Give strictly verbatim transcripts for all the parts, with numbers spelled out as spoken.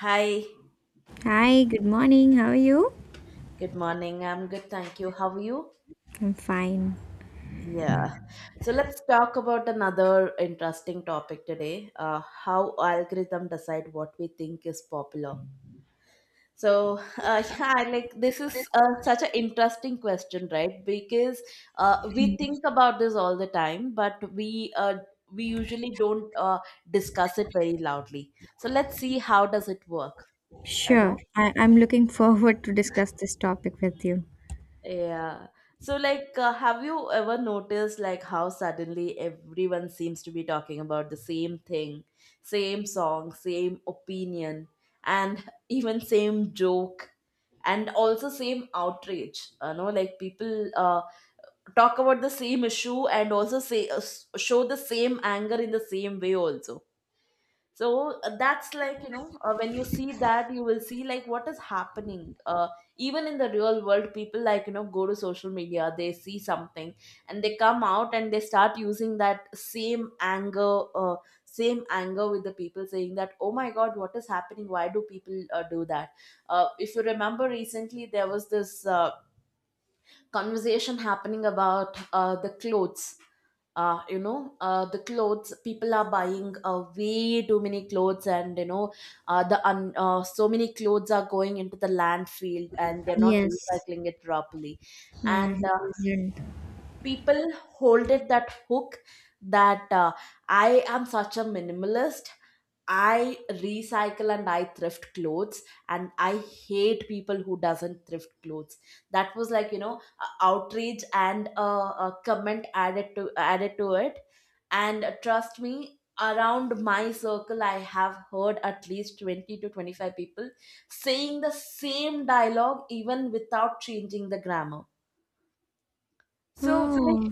Hi, Hi, good morning. How are you? good morning. I'm good, thank you. How are you? I'm fine. Yeah. So let's talk about another interesting topic today, uh, how algorithm decide what we think is popular. So uh, yeah, like this is uh, such an interesting question, right? Because uh, we think about this all the time, but we uh, we usually don't uh, discuss it very loudly. So let's see how does it work. You Sure. know? I, I'm looking forward to discuss this topic with you. Yeah. So, like, uh, have you ever noticed like how suddenly everyone seems to be talking about the same thing, same song, same opinion, and even same joke, and also same outrage? You know, like people uh, talk about the same issue and also say uh, s- show the same anger in the same way also. So uh, that's like you know, uh, when you see that you will see like what is happening, uh, even in the real world, people, like, you know, go to social media, they see something, and they come out and they start using that same anger, uh, same anger with the people, saying that, oh my god, what is happening, why do people uh, do that. Uh, if you remember, recently there was this uh, conversation happening about uh, the clothes, uh, you know, uh, the clothes people are buying, uh, way too many clothes, and you know, uh, the un- uh, so many clothes are going into the landfill and they're not Yes. recycling it properly. Yeah, And he isn't. people hold it, that hook, that uh, I am such a minimalist, I recycle and I thrift clothes, and I hate people who doesn't thrift clothes. That was like, you know, a outrage and a, a comment added to added to it. And trust me, around my circle, I have heard at least twenty to twenty-five people saying the same dialogue, even without changing the grammar. So like, Oh,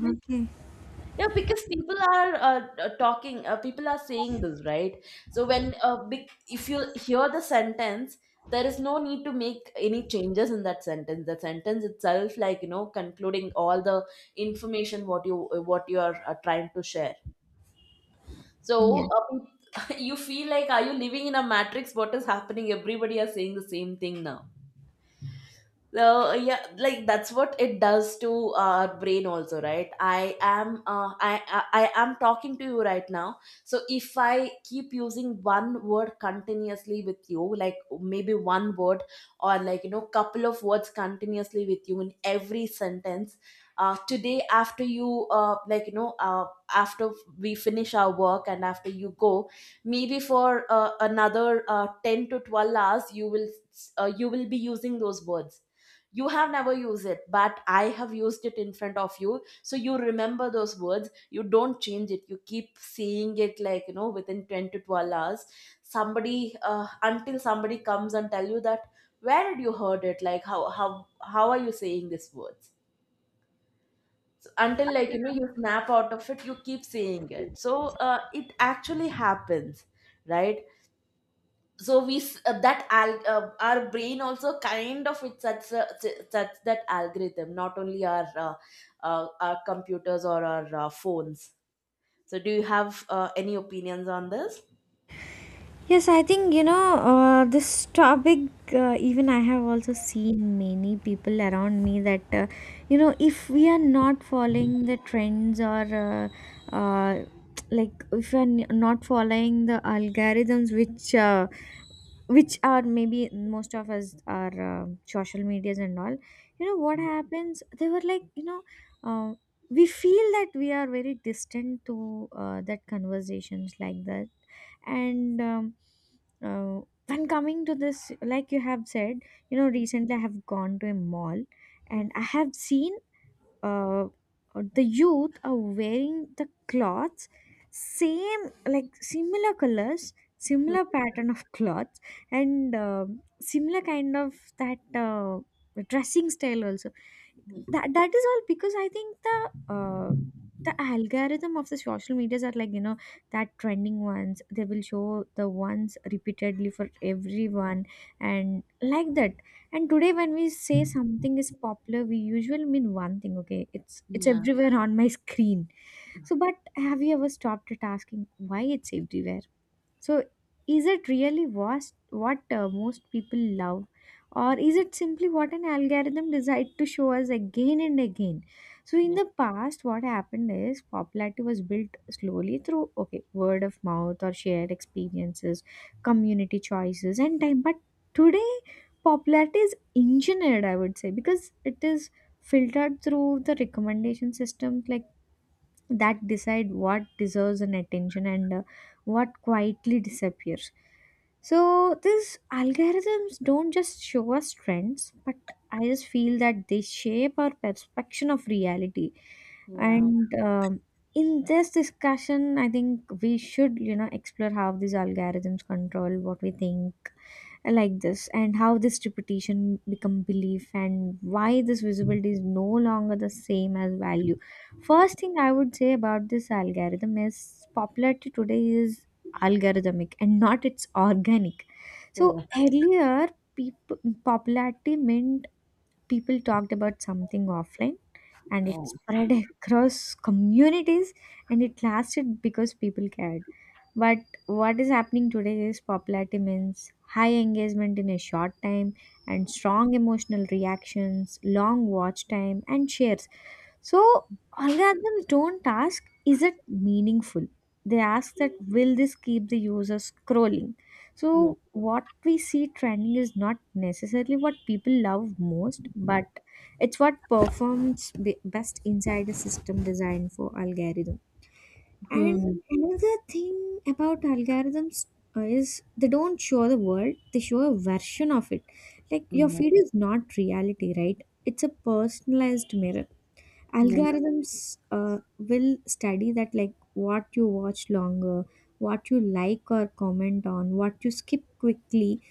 yeah, because people are uh, uh, talking, uh, people are saying this, right? So when uh, big, if you hear the sentence, there is no need to make any changes in that sentence. The sentence itself, like you know, concluding all the information what you uh, what you are uh, trying to share. So okay. uh, you feel like, are you living in a matrix? What is happening? Everybody are saying the same thing now. So yeah, like that's what it does to our brain also, right? I am uh, I, I I am talking to you right now. So if I keep using one word continuously with you, like maybe one word or like you know couple of words continuously with you in every sentence, uh, today after you, uh, like you know uh, after we finish our work and after you go, maybe for uh, another uh, ten to twelve hours, you will, uh, you will be using those words. You have never used it, but I have used it in front of you, so you remember those words, you don't change it, you keep saying it, like you know, within ten to twelve hours, somebody uh, until somebody comes and tell you that, where did you heard it? Like how how how are you saying these words? So until, like you know, you snap out of it, you keep saying it. So uh, it actually happens, right? So we s- uh, that al- uh, our brain also kind of, it's such a, such that algorithm, not only our, uh, uh, our computers or our uh, phones. So do you have uh, any opinions on this? Yes, I think you know uh, this topic. Uh, even I have also seen many people around me that uh, you know if we are not following the trends or uh, uh, like if we are n- not following the algorithms which uh, which are maybe most of us are uh, social medias and all. You know what happens, they were like you know uh, we feel that we are very distant to uh, that conversations like that. And um, uh, when coming to this, like you have said, you know recently I have gone to a mall and I have seen uh, the youth are wearing the clothes, same like similar colors, similar pattern of clothes, and um similar kind of that uh, dressing style also. That that is all because I think the uh, the algorithm of the social medias are like you know that trending ones, they will show the ones repeatedly for everyone and like that. And today when we say something is popular, we usually mean one thing. Okay, it's it's Yeah. everywhere on my screen. So, but have you ever stopped at asking why it's everywhere? So, is it really was what uh, most people love, or is it simply what an algorithm decide to show us again and again? So, in the past, what happened is popularity was built slowly through, okay, word of mouth or shared experiences, community choices, and time. But today, popularity is engineered, I would say, because it is filtered through the recommendation systems like that decide what deserves an attention and uh, what quietly disappears. So these algorithms don't just show us trends, but I just feel that they shape our perception of reality. Yeah. And um, In this discussion, I think we should, you know, explore how these algorithms control what we think, uh, like this, and how this repetition become belief, and why this visibility is no longer the same as value. First thing I would say about this algorithm is popularity today is algorithmic and not it's organic. So Yeah. earlier, people popularity meant people talked about something offline, and Yeah. it spread across communities, and it lasted because people cared. But what is happening today is popularity means high engagement in a short time and strong emotional reactions, long watch time, and shares. So algorithms don't ask, is it meaningful? They ask that will this keep the user scrolling? Yeah. So what we see trending is not necessarily what people love most, but it's what performs be- best inside a system designed for algorithm. And Hmm. another thing about algorithms, uh, is they don't show the world, they show a version of it. Like your Yeah. feed is not reality, right? It's a personalized mirror. Yeah. Yeah. Algorithms uh, will study that, like what you watch longer, what you like or comment on, what you skip quickly,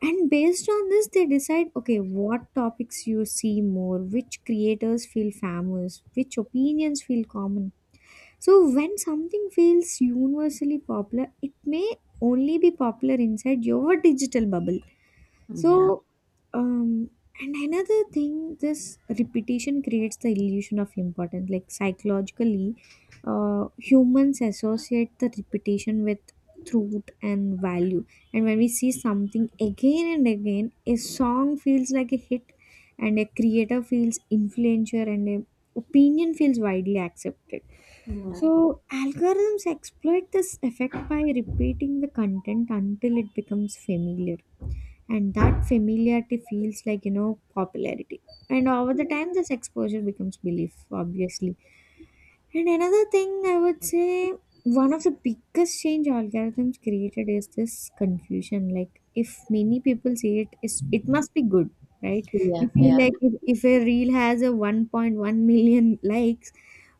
and based on this they decide, okay, what topics you see more, which creators feel famous, which opinions feel common. So when something feels universally popular, it may only be popular inside your digital bubble. Yeah. Yeah. so, um, and another thing, this repetition creates the illusion of importance. Like psychologically, uh, humans associate the repetition with truth and value. And when we see something again and again, a song feels like a hit, and a creator feels influential, and a opinion feels widely accepted. So algorithms exploit this effect by repeating the content until it becomes familiar, and that familiarity feels like you know popularity, and over the time this exposure becomes belief, obviously. And another thing I would say, one of the biggest change algorithms created is this confusion. Like if many people see it, is it must be good, right? We Yeah. feel like if, if a reel has a one point one million likes,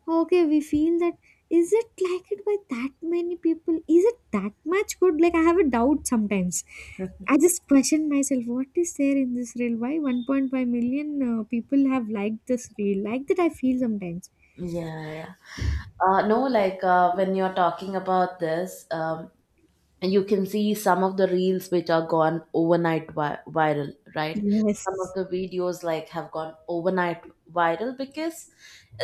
okay, we feel that is it liked by that many people? Is it that much good? Like I have a doubt sometimes. I just question myself, what is there in this reel? Why one point five million uh, people have liked this reel? Like that I feel sometimes. Yeah, yeah. Uh, no, like, uh, when you're talking about this, um, you can see some of the reels which are gone overnight vi- viral, right? Some of Yes. the videos like have gone overnight viral because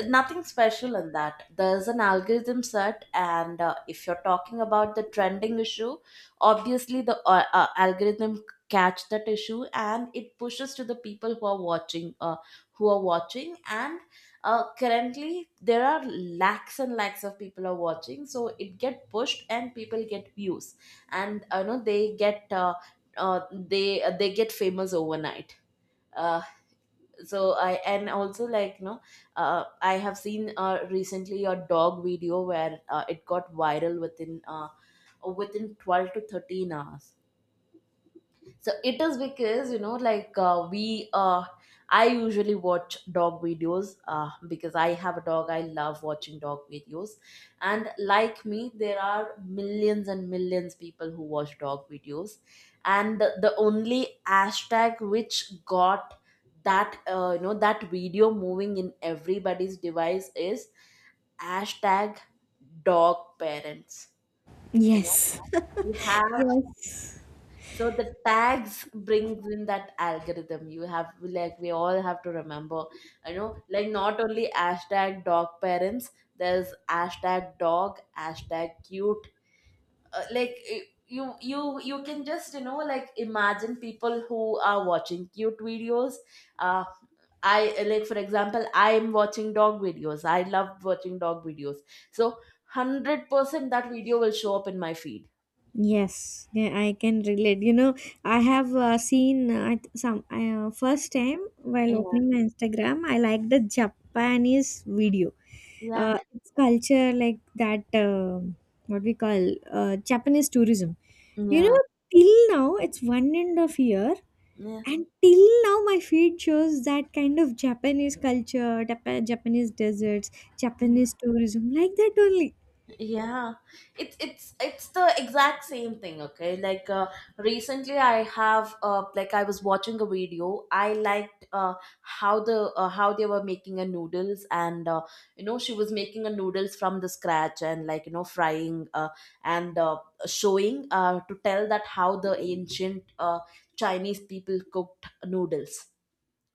nothing special in that. There's an algorithm set, and uh, if you're talking about the trending issue, obviously the uh, uh, algorithm catch that issue and it pushes to the people who are watching uh, who are watching, and uh, currently there are lakhs and lakhs of people are watching, so it get pushed and people get views, and you know they get uh, uh, they they get famous overnight. Uh, so I And also, like you know, uh, I have seen, uh, recently a dog video where uh, it got viral within uh, within twelve to thirteen hours. So it is because you know, like, uh, we, uh, I usually watch dog videos uh, because I have a dog. I love watching dog videos, and like me, there are millions and millions people who watch dog videos, and the only hashtag which got that, uh, you know, that video moving in everybody's device is hashtag dog parents. You know, Yes. we have. Yes. So the tags brings in that algorithm, you have, like we all have to remember, you know, like not only hashtag dog parents, there's hashtag dog, hashtag cute, uh, like y- you you you can just you know, like, imagine people who are watching cute videos. uh I, like, for example, I am watching dog videos, I love watching dog videos, so one hundred percent that video will show up in my feed. Yes. Yeah, I can relate. You know, I have uh, seen uh, I- th- some I, uh, first time while Yeah, opening my Instagram, I like the Japanese video. yeah, Uh, it's culture like that. Um what we call uh, Japanese tourism. You yeah, know, till now it's one end of year, yeah, and till now my feed shows that kind of Japanese culture, Jap- Japanese deserts, Japanese tourism, like that yeah. It's it's it's the exact same thing. Okay, like uh, recently I have uh, like I was watching a video, I liked, uh, how the uh, how they were making a noodles, and uh, you know, she was making a noodles from the scratch and like you know frying, uh, and uh, showing, uh, to tell that how the ancient uh, Chinese people cooked noodles,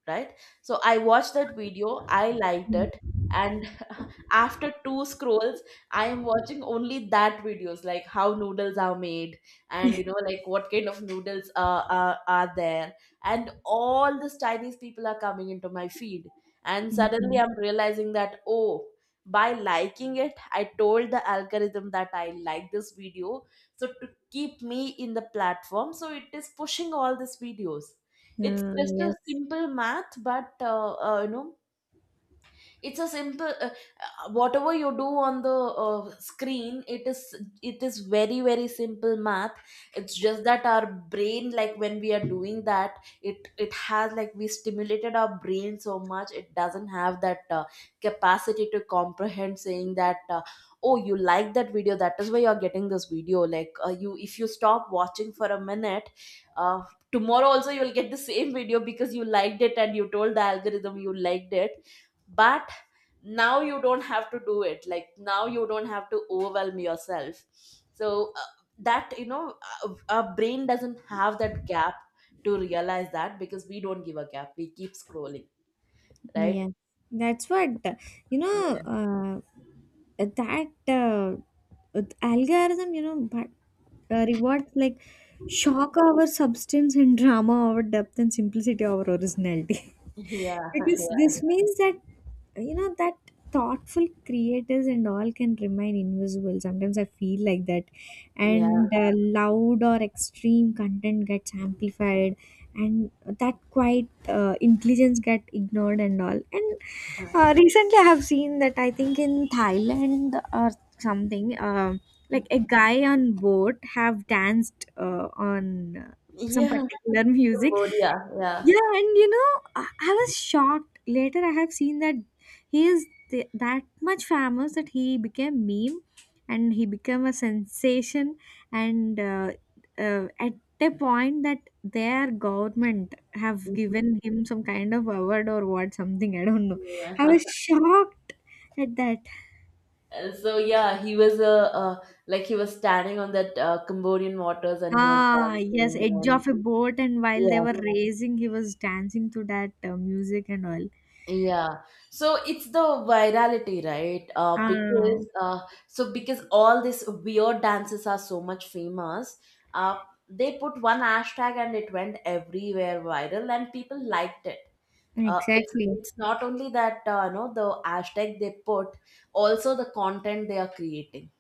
right? So I watched that video, I liked only. it, and after two scrolls, I am watching only that videos, like how noodles are made, and you know like what kind of noodles uh, are are there, and all these Chinese people are coming into my feed, and suddenly I'm realizing that, oh. By liking it, I told the algorithm that I like this video. So, to keep me in the platform, so it is pushing all these videos. It's Uh, just a Yes, simple math, but uh, uh, you know, it's a simple, uh, uh, whatever you do on the uh, screen, it is it is very very simple math. It's just that our brain, like when we are doing that, it it has, like, we stimulated our brain so much, it doesn't have that uh, capacity to comprehend, saying that, uh, oh, you like that video, that is why you are getting this video. Like uh, you, if you stop watching for a minute, uh, tomorrow also you'll get the same video because you liked it and you told the algorithm you liked it. But now you don't have to do it, like now you don't have to overwhelm yourself. So uh, that you know uh, our brain doesn't have that gap to realize that, because we don't give a gap, we keep scrolling, right? yes. That's what you Yeah. know. Uh, that uh, Algorithm, you know, but uh, rewards like shock our substance, and drama our depth, and simplicity our originality. Because Yeah, this means that you know that thoughtful creators and all can remain invisible. Sometimes I feel like that, yeah, and uh, loud or extreme content gets amplified, and that quiet uh, intelligence get ignored and all. And uh, Recently I have seen that I think in thailand or something, um like a guy on boat have danced uh, on uh, some yeah. particular music. Cambodia. Yeah. Yeah, and you know i I was shocked. Later I have seen that he is th- that much famous that he became meme, and he became a sensation, and uh, uh, at a point that their government have Mhm. given him some kind of award or what, something I don't know. Yeah. I was shocked at that. And so yeah, he was a, uh, uh, like, he was standing on that uh, Cambodian waters and he was Ah yes, dancing, edge and of a boat, and while they yeah. were, yeah, racing he was dancing to that uh, music and all. Yeah, so it's the virality, right? Uh, because Ah. uh, so because all these weird dances are so much famous. Uh, they put one hashtag and it went everywhere viral, and people liked it. Uh, it's Exactly. it's not only that, uh, you know, the hashtag they put, also the content they are creating,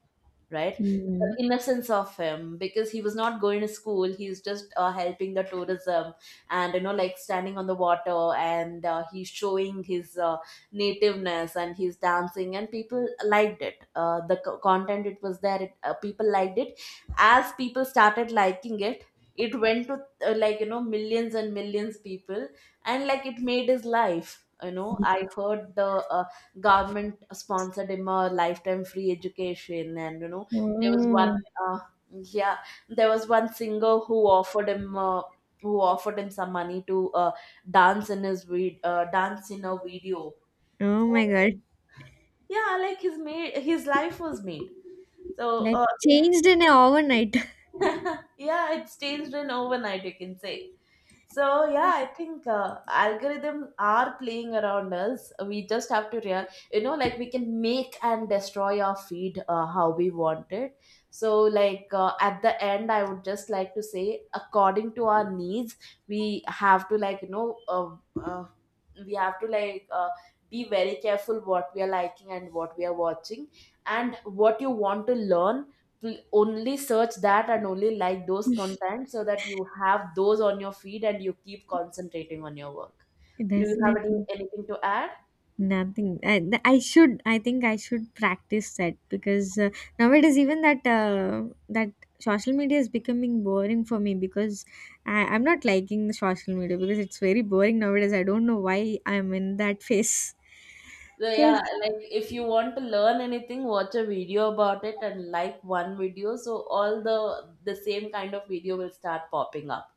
right? Mm. The innocence of him, because he was not going to school. He's just uh, helping the tourism and, you know, like standing on the water, and uh, he's showing his uh, nativeness and he's dancing, and people liked it. Uh, the co- content, it was there. It, uh, people liked it. As people started liking it, it went to, uh, like, you know, millions and millions people, and like it made his life. You know, I heard the uh, government sponsored him a lifetime free education, and you know there was one, Oh. uh, yeah there was one singer who offered him uh, who offered him some money to uh, dance in his vid- uh, dance in a video. Oh So my god, yeah, like his made, his life was made. So like uh, changed in a overnight. yeah, it's changed in overnight, you can say. So yeah, I think uh, algorithm are playing around us. We just have to real, you know, like we can make and destroy our feed uh, how we want it. So like uh, at the end, I would just like to say, according to our needs, we have to like you know, uh, uh, we have to like uh, be very careful what we are liking and what we are watching, and what you want to learn, pl- only search that and only like those content so that you have those on your feed, and you keep concentrating on your work. Do you have any Definitely. anything to add? Nothing. I, th- I should. I think I should practice that because uh, nowadays even that uh, that social media is becoming boring for me because I, I'm not liking the social media because it's very boring nowadays. I don't know why I'm in that phase. So So yeah, like, if you want to learn anything, watch a video about it and like one video. So all the the same kind of video will start popping up.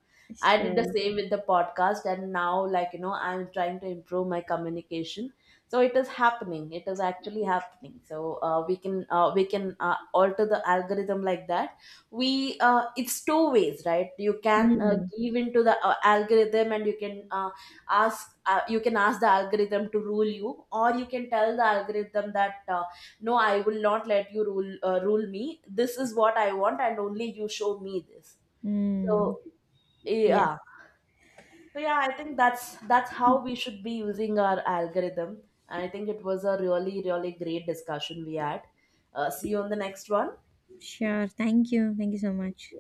I did the sure. same with the podcast, and now like you know, I'm trying to improve my communication. So it is happening. It is actually happening. So uh, we can uh, we can uh, alter the algorithm like that. We uh, It's two ways, right? You can uh, Mm, give into the uh, algorithm, and you can. Uh, ask uh, You can ask the algorithm to rule you, or you can tell the algorithm that, uh, no, I will not let you rule uh, rule me, this is what I want, and only you show me this. mm, So yes. yeah, so yeah, I think that's that's how we should be using our algorithm, and I think it was a really really great discussion we had. Uh, see you on the next one. Sure. Thank you. Thank you so much.